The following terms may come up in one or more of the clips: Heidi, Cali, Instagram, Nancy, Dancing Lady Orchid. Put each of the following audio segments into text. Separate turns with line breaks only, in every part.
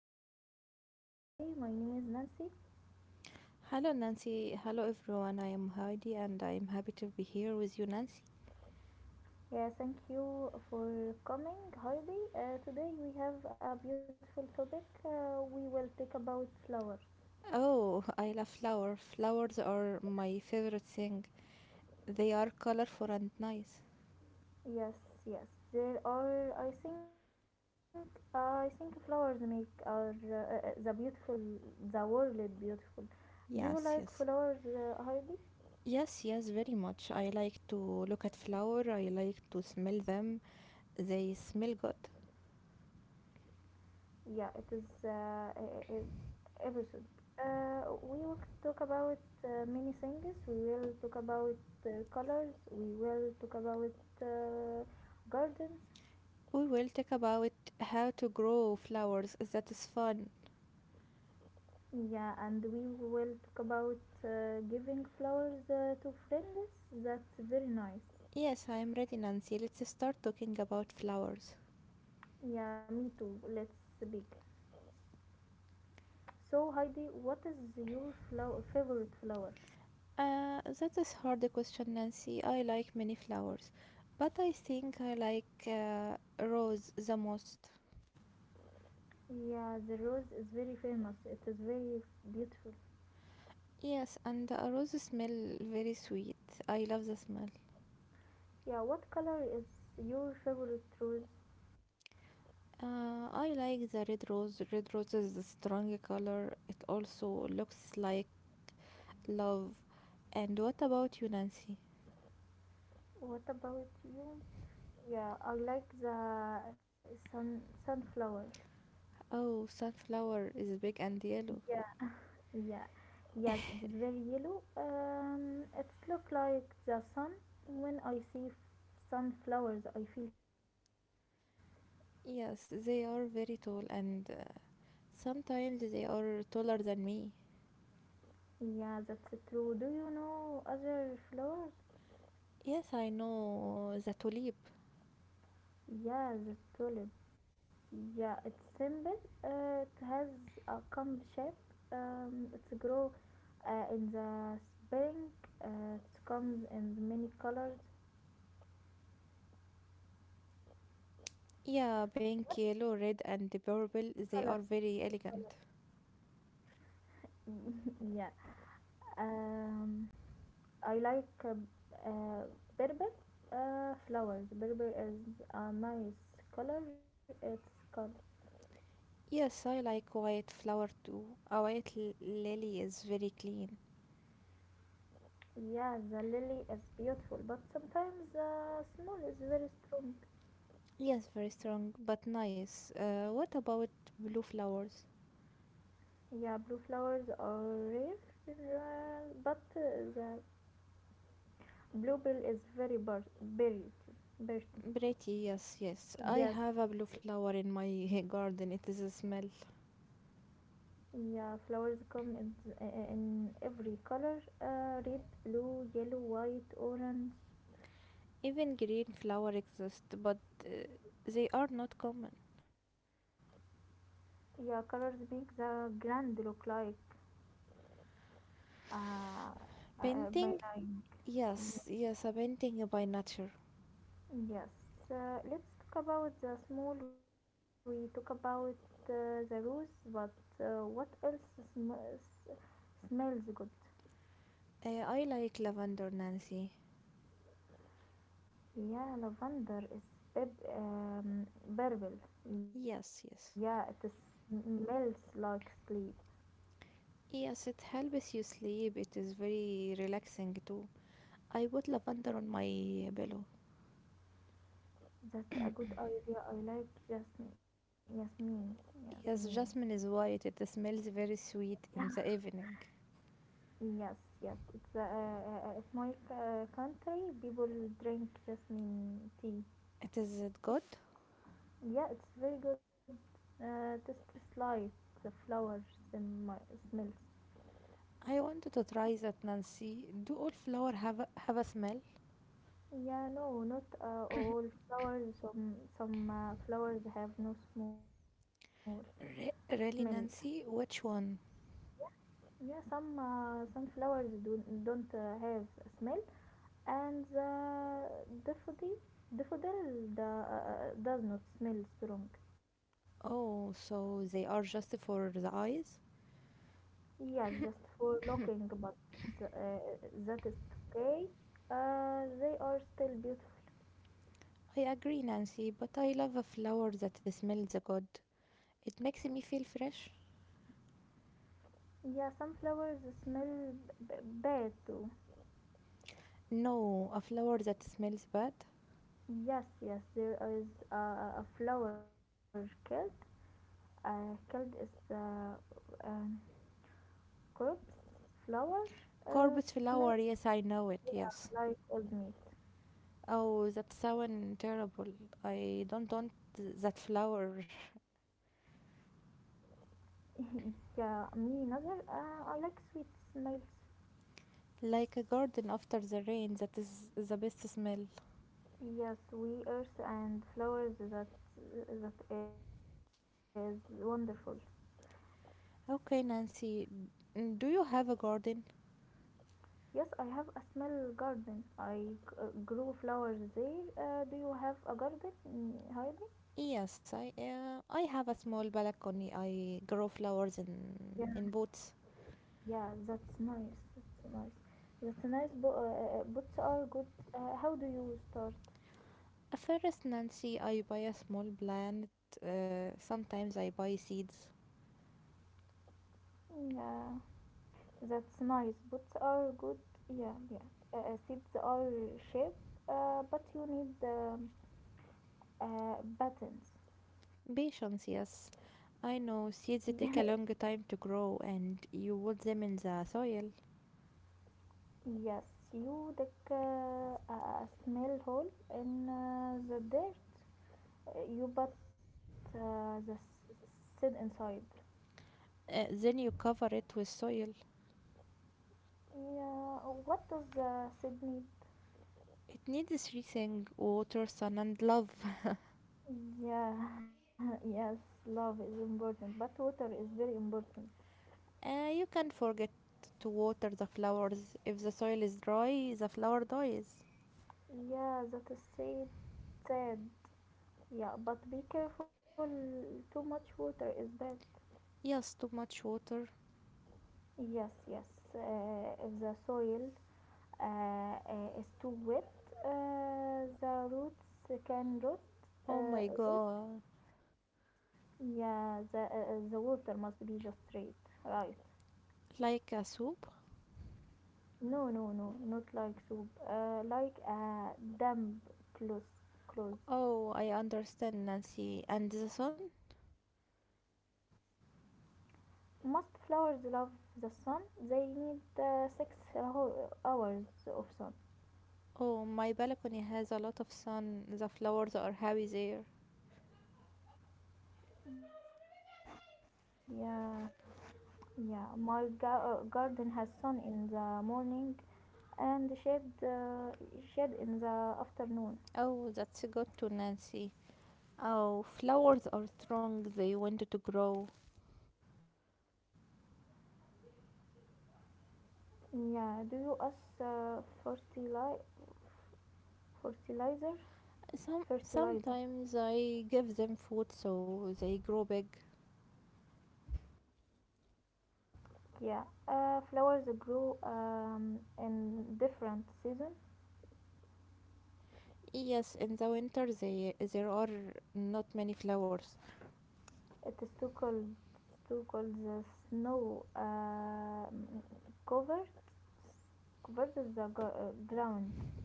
show. I am very happy today. My name is Nancy.
Hello, Nancy. Hello, everyone. I am Heidi and I am happy to be here with you, Nancy.
Yeah, thank you for coming, Heidi. Today we have a beautiful topic. We will talk about flowers.
Oh, I love flowers. Flowers are my favorite thing. They are colorful and nice.
Yes, yes. There are, I think flowers make the world beautiful. Do you
Yes,
like
yes.
flowers, Heidi?
Yes, yes, very much. I like to look at flower. I like to smell them. They smell good.
Yeah, it is episode. We will talk about many things. We will talk about colors. We will talk about uh, gardens.
We will talk about how to grow flowers. That is fun.
Yeah, and we will talk about giving flowers to friends. That's very nice.
Yes, I am ready, Nancy. Let's start talking about flowers.
Yeah, me too. Let's begin. So, Heidi, what is your favorite flower?
That is hard question, Nancy. I like many flowers, but I think I like rose the most.
Yeah, the rose is very famous. It is very beautiful.
Yes, and a rose smell very sweet. I love the smell.
Yeah, what color is your favorite rose?
I like the red rose. Red rose is a strong color. It also looks like love. And what about you, Nancy?
What about you? Yeah, I like the sunflower.
Oh, sunflower is big and yellow.
Yeah, yeah, yes, it is very yellow. It look like the sun. When I see sunflowers, I feel happy.
Yes, they are very tall, and sometimes they are taller than me.
Yeah, that's true. Do you know other flowers?
Yes, I know the tulip.
Yeah, the tulip. Yeah, it's simple. It has a comb shape. It's grow in the spring. It comes in many colors.
Yeah, pink,
What
yellow,
color?
red, and the purple, they are very elegant.
yeah. Um, I like uh, purple flowers. Purple is a nice color. It's called.
Yes, I like white flower too. A white lily is very clean.
Yeah, the lily is beautiful, but sometimes the smell is very strong.
Yes, very strong, but nice. What about blue flowers?
Yeah, blue flowers are rare, but the bluebell is very bird.
Pretty, yes, yes. I
Yes,
have a blue flower in my garden. It is a smell.
yeah, flowers come in every color red, blue, yellow, white, orange.
Even green flower exist, but uh, they are not common.
Yeah, colors make the grand look like uh,
Painting?
benign.
Yes, yes, a painting by nature.
Yes, let's talk about the small. We talk about the rose, but what else sm- smells good?
I like lavender, Nancy.
Yeah, lavender is pep- um, purple. Yeah, it is,
Yes, yes.
smells like sleep.
Yes, it helps you sleep. It is very relaxing too. I put lavender on my pillow.
That's a good idea. I like just Yasmin. Yasmin.
Yes, jasmine is white. It smells very
Yeah.
sweet in the evening.
Yes, yes. It's at my country, people drink jasmine tea.
It is it good?
Yeah, it's very good. Tastes like the flowers and my smells.
I wanted to try that, Nancy. Do all flower have a smell?
Yeah, no, not all flowers. Some flowers have no smell. Smell.
Really, Nancy? Which one?
Yeah, some flowers do don't have a smell, and the daffodil daffodil does not smell strong.
Oh, so they are just for the eyes?
Yes, just for looking, but uh, that is okay. They are still beautiful.
I agree, Nancy, but I love a flower that smells good. It makes me feel fresh.
Yeah, some flowers smell bad too.
No, a flower that smells bad?
Yes, yes, there is a flower killed. Killed is the um, corpse flower. It
Corpse
smells
flower, yes, I know
yeah,
it, yes.
like old meat.
Oh, that sounds terrible. I don't want that flower.
yeah, me neither. I like sweet smells.
Like a garden after the rain, that is the best smell.
Yes, we earth and flowers. That is wonderful.
Okay, Nancy, do you have a garden?
Yes, I have a small garden. I grow flowers there. Do you have a garden, mm, Heidi?
Yes, I have a small balcony. I grow flowers
Yeah.
in pots.
Yeah, that's nice. That's nice. That's nice. But boots are good. How do you start?
First, Nancy, I buy a small plant. Sometimes I buy seeds.
Yeah, that's nice. Boots are good. Yeah, yeah. Seeds are shaped, but you need buttons.
Patience, yes. I
Yeah.
know seeds take a long time to grow and you put them in the soil.
Yes, you dig a a small hole in the dirt. You but the Sid inside.
Then you cover it with soil.
Yeah, what does the seed need?
It needs three things: water, sun, and love.
Yeah, yes, love is important, but water is very important.
You can't forget to water the flowers. If the soil is dry, the flower dies.
Yeah, that is said. Sad. Yeah, but be careful. Too much water is bad.
Yes, too much water.
Yes, yes. If the soil is too wet, the roots can rot.
Oh my
Root
god.
Yeah, the water must be just straight, right?
Like a soup?
No, no, no, not like soup. Like a damp clothes.
Oh, I
Clothes.
understand, Nancy. And the sun?
Most flowers love the sun? They need six hours of sun.
Oh, my balcony has a lot of sun. The flowers are happy there.
Yeah, yeah. My garden has sun in the morning and shade shade in the
Oh,
afternoon.
that's good to Nancy. Oh, flowers are strong. They want to grow.
Yeah. Do you use fertilizer? Fertilizer.
Sometimes I give them food so they grow big.
Yeah. Flowers grow in different season.
Yes, in the winter they, there are not many flowers.
It is too cold. It's too cold. The snow covered covered the ground.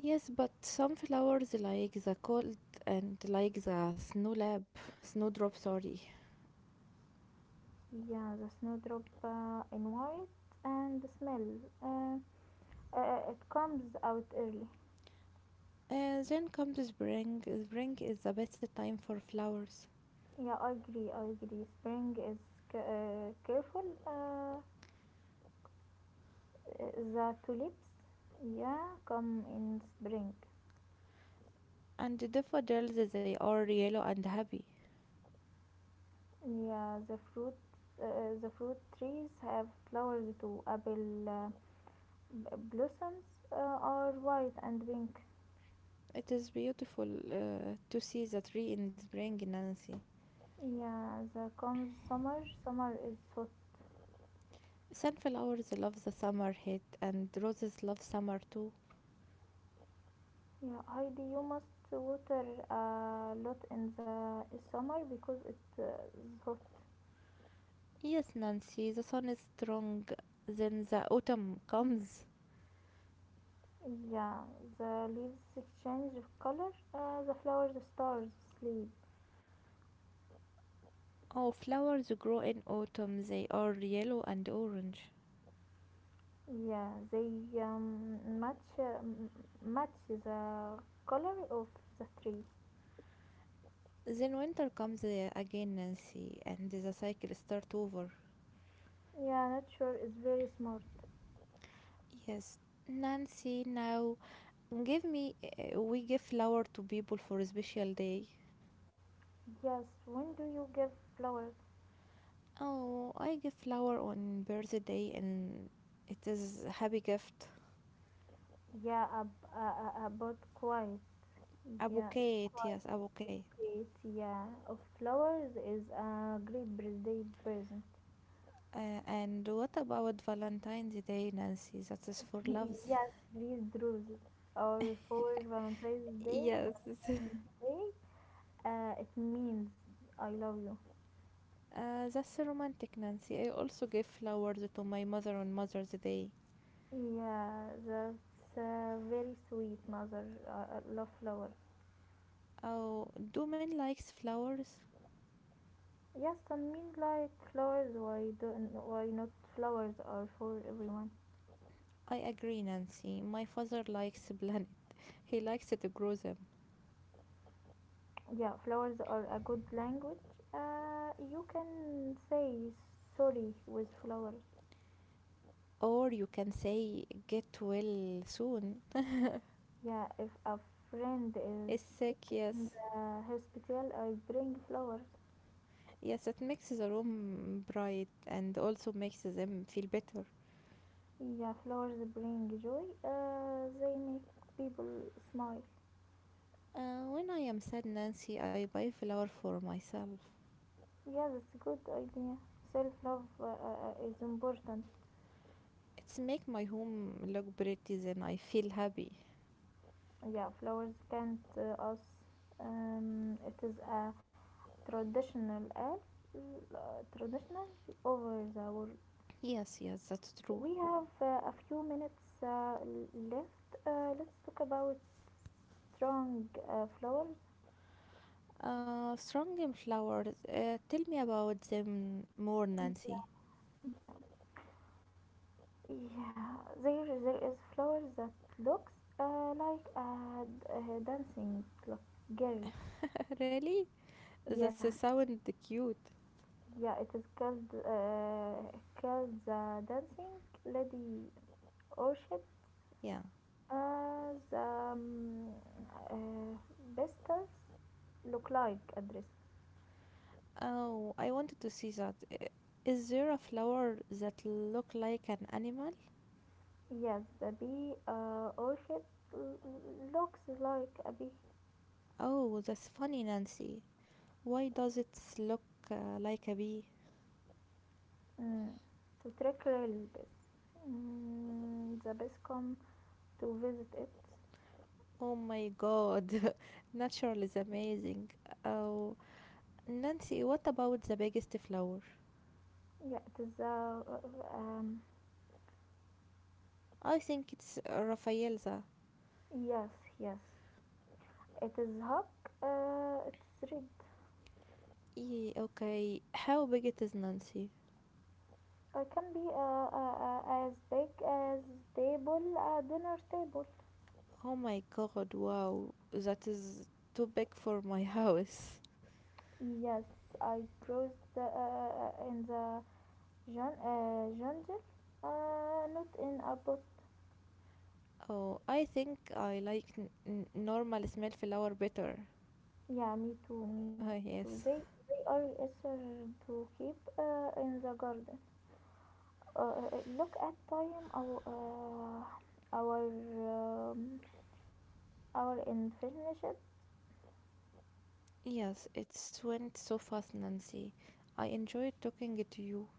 Yes, but some flowers like the cold and like the snowdrop, sorry.
Yeah, the snowdrop in white and the smell. Uh, it comes out early.
Then comes spring. Spring is the best time for flowers.
Yeah, I agree. I agree. Spring is careful. The tulips, yeah, come in spring.
And the daffodils, they are yellow and happy.
Yeah, the fruit, the fruit trees have flowers too. Apple blossoms are white and pink.
It is beautiful to see the tree in spring, Nancy.
Yeah, the comes summer. Summer is hot.
Sunflowers love the summer heat, and roses love summer too.
Yeah, Heidi, you must water a lot in the summer because it is hot.
Yes, Nancy, the sun is strong, then the autumn comes.
Yeah, the leaves change color. The flowers stars sleep.
Oh, flowers grow in autumn, they are yellow and orange.
Yeah, they um, match uh, m- match the color of the tree.
Then winter comes again, Nancy, and the cycle starts over.
Yeah, nature is very smart.
Yes, Nancy, now we give flower to people for a special day.
Yes, when do you give flowers?
Oh, I give flower on birthday and it is happy gift.
Yeah, about quiet. Yeah,
Okay, it-
quiet.
yes, I'm okay.
Great. Yeah, of flowers is a great birthday present.
And what about Valentine's Day, Nancy? That is for loves.
yes, red roses or for Valentine's Day.
Yes,
Valentine's Day, it means I love you.
that's romantic, Nancy. I also give flowers to my mother on Mother's Day.
Yeah, that's very sweet, mother. Love flower.
Oh, do men likes flowers?
Yes, I mean like flowers. Why not? Flowers are for everyone?
I agree, Nancy. My father likes planet. He likes to grow them.
Yeah, flowers are a good language. You can say sorry with flowers.
Or you can say get well soon.
Yeah, if a friend is
Is sick,
sick in
yes.
the hospital, I bring flowers.
Yes, it makes the room bright and also makes them feel better.
Yeah, flowers bring joy. They make people smile.
When I am sad, Nancy, I buy flower for myself.
Yeah, that's a good idea. Self love is important.
It's make my home look pretty, then I feel happy.
Yeah, flowers can't us. It is a traditional traditional over the world.
Yes, yes, that's true.
We have a few minutes left. Let's talk about strong flowers.
Strong in flowers. Tell me about them more,
Yeah,
Nancy.
yeah, yeah. There is flowers that looks like a dancing clock girl.
Really?
Yeah,
That's a sound cute.
Yeah, it is called called the Dancing Lady Orchid.
Yeah.
The uh, pistils look like a dress.
Oh, I wanted to see that. Is there a flower that look like an animal?
Yes, the bee orchid looks like a bee.
Oh, that's funny, Nancy. Why does it look like a bee?
Mm. To trick real bees. Mm, the bees come to visit it.
Oh my god, natural is amazing. Oh, Nancy, what about the biggest flower?
Yeah, it is
I think it's Rafaelza.
yes, yes. It is hawk. It's red
Yeah, okay, how big it is, Nancy?
can be as big as table a dinner table.
Oh my god, wow, that is too big for my house.
Yes, I grows the, in the jungle, not in a pot.
Oh, I think I like normal smell flower better.
Yeah, me
Ah,
too, me too.
yes.
They are easier to keep in the garden. Look at time our our um, our unfinished.
Yes, it went so fast, Nancy. I enjoyed talking to you.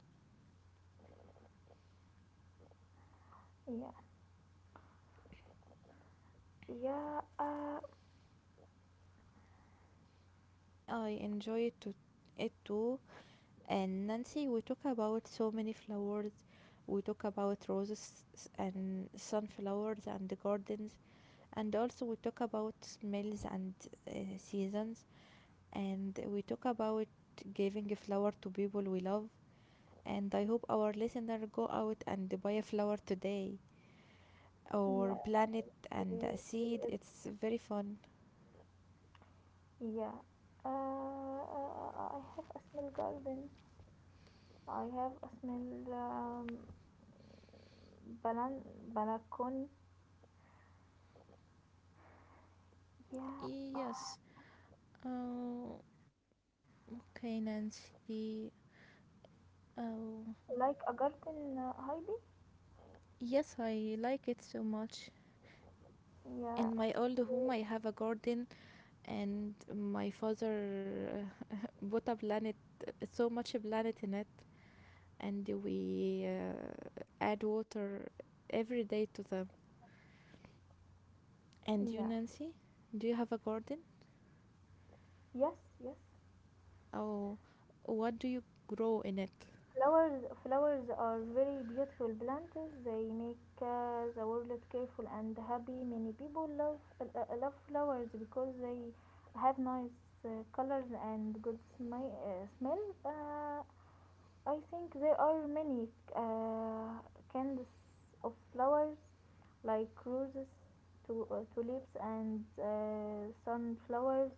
Yeah, yeah,
I enjoy it to it too. And Nancy, we talk about so many flowers. We talk about roses and sunflowers and the gardens, and also we talk about smells and seasons, and we talk about giving a flower to people we love. And I hope our listener go out and buy a flower today
yeah.
or plant it and
There,
a seed.
there is
It's very fun.
Yeah. I have a small garden. I have a small balan balcony. Yeah.
Yes.
Ah,
Oh, okay, Nancy. Oh.
Like a garden, Heidi.
Yes, I like it so much. In
Yeah.
my old home, I have a garden, and my father uh, put a planet, so much planet in it, and we add water every day to them.
Yeah.
And you, Nancy, do you have a garden?
Yes, yes.
Oh, what do you grow in it?
Flowers are very beautiful plants. They make the world careful and happy. Many people love love flowers because they have nice colors and good smell. Uh, I think there are many uh, kinds of flowers like roses, tulips, and sunflowers.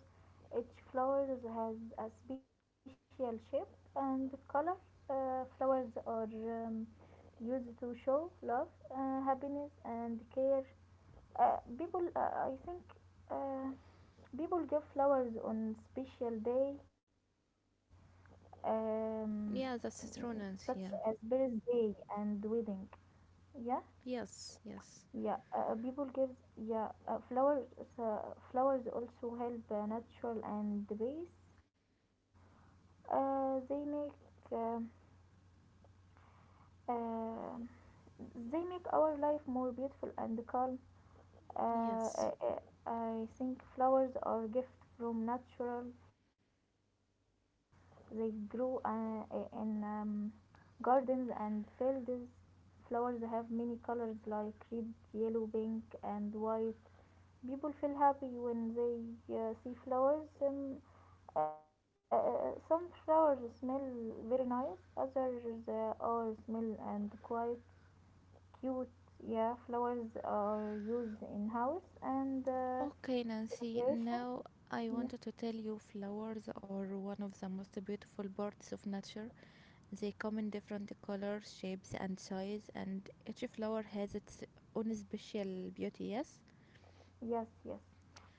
Each flower has a special shape and color. Flowers are used to show love, happiness, and care. People, I think, uh, people give flowers on special day um,
Yeah,
such
that's
as
true, Nancy. Yeah.
birthday and wedding. Yeah,
Yes, yes,
yeah. People gives yeah flowers. Uh, flowers also help natural and the base. Uh, they make uh, uh, they make our life more beautiful and calm. Uh,
yes.
I, I I think flowers are gift from natural. They grow in Gardens and fields flowers have many colors like red, yellow, pink, and white. People feel happy when they see flowers. Some flowers smell very nice, others are smell and quite cute. Yeah, flowers are used in house and
Okay, Nancy,
celebration.
now I
Yeah.
wanted to tell you flowers are one of the most beautiful parts of nature. They come in different colors, shapes, and size, and each flower has its own special beauty, yes?
Yes, yes.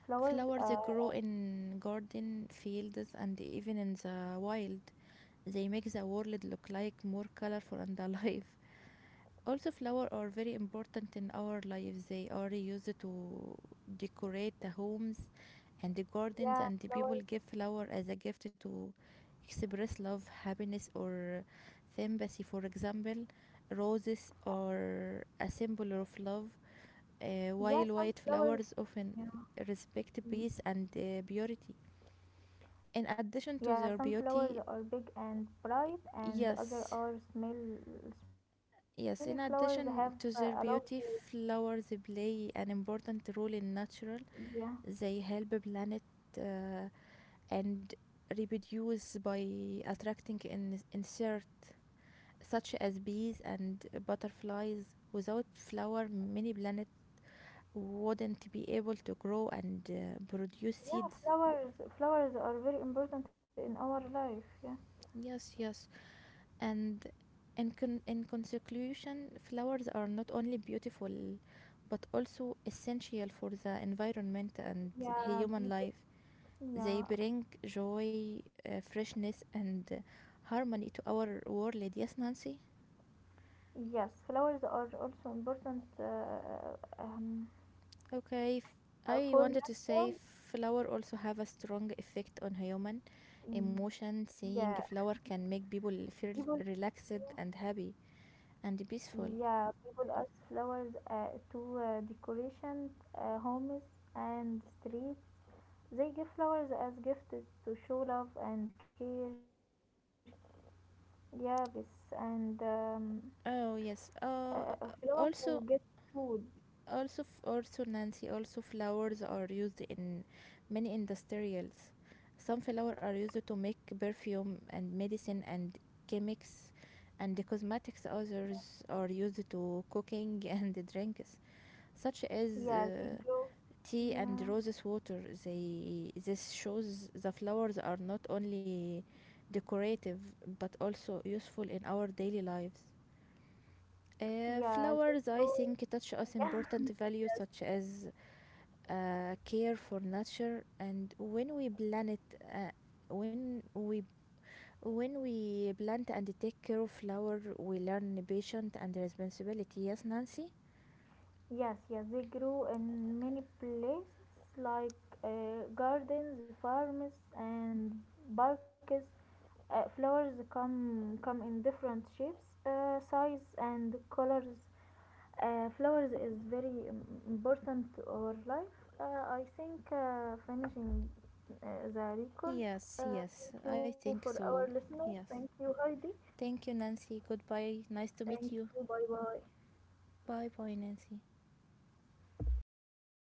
Flowers.
Flowers grow in garden fields and even in the wild. They make the world look like more colorful and alive. Also flowers are very important in our lives. They are used to decorate the homes and the gardens,
Yeah,
and the people
flowers.
give flower as a gift to express love, happiness, or sympathy. For example, roses are a symbol of love, while
Yeah,
white
some
flowers
flowers.
often
Yeah.
respect peace and purity in addition to
Yeah,
their
some
beauty,
flowers are big and bright, and
yes?
other are smell small and
Yes,
soft.
in
Many flowers
addition
have
to their
a
beauty,
lovely
flowers play an important role in nature.
yeah
They help the planet uh, and reproduce by attracting insects such as bees and butterflies. Without flower, many planets wouldn't be able to grow and produce
yeah
seeds.
flowers flowers are very important in our life. Yeah
Yes, yes. And in, in conclusion, flowers are not only beautiful but also essential for the environment and
yeah
human
people
life.
yeah
They bring joy, freshness, and harmony to our world. Yes, Nancy?
yes flowers are also important um,
Okay, f- I
for
wanted to say
nature.
flower also have a strong effect on human
Yeah
emotion. Seeing flower can make
people
people feel relaxed and happy and
yeah
peaceful.
people use flowers to decoration homes and streets. They give flowers as gifts to show love and care. Yeah, yes, and
Oh
uh,
yes.
flowers to get
Also,
food.
Also, f- also Nancy, also flowers are used in many industrials. Some flowers are used to make perfume and medicine and chemics and the cosmetics. Others are used to cooking and drinks, such
Yeah,
as
they grow.
tea
Yeah,
and roses water. They this shows the flowers are not only decorative but also useful in our daily lives.
yeah, they
Flowers,
grow.
I think, touch us
Yeah,
important values
yes,
such as care for nature, and when we plant uh, when we when we plant and take care of flower we learn patient and responsibility, yes Nancy?
yes, yes. they grow in many places like gardens, farms, and parks. Flowers come in different shapes, size, and colors. Flowers is very important to our life. I think finishing the record.
Yes, yes,
Thank
I
you
think
for
so.
our listeners.
Yes.
Thank you, Heidi.
Thank you Nancy, goodbye, nice to meet you.
Thank you. Bye bye.
Bye bye Nancy.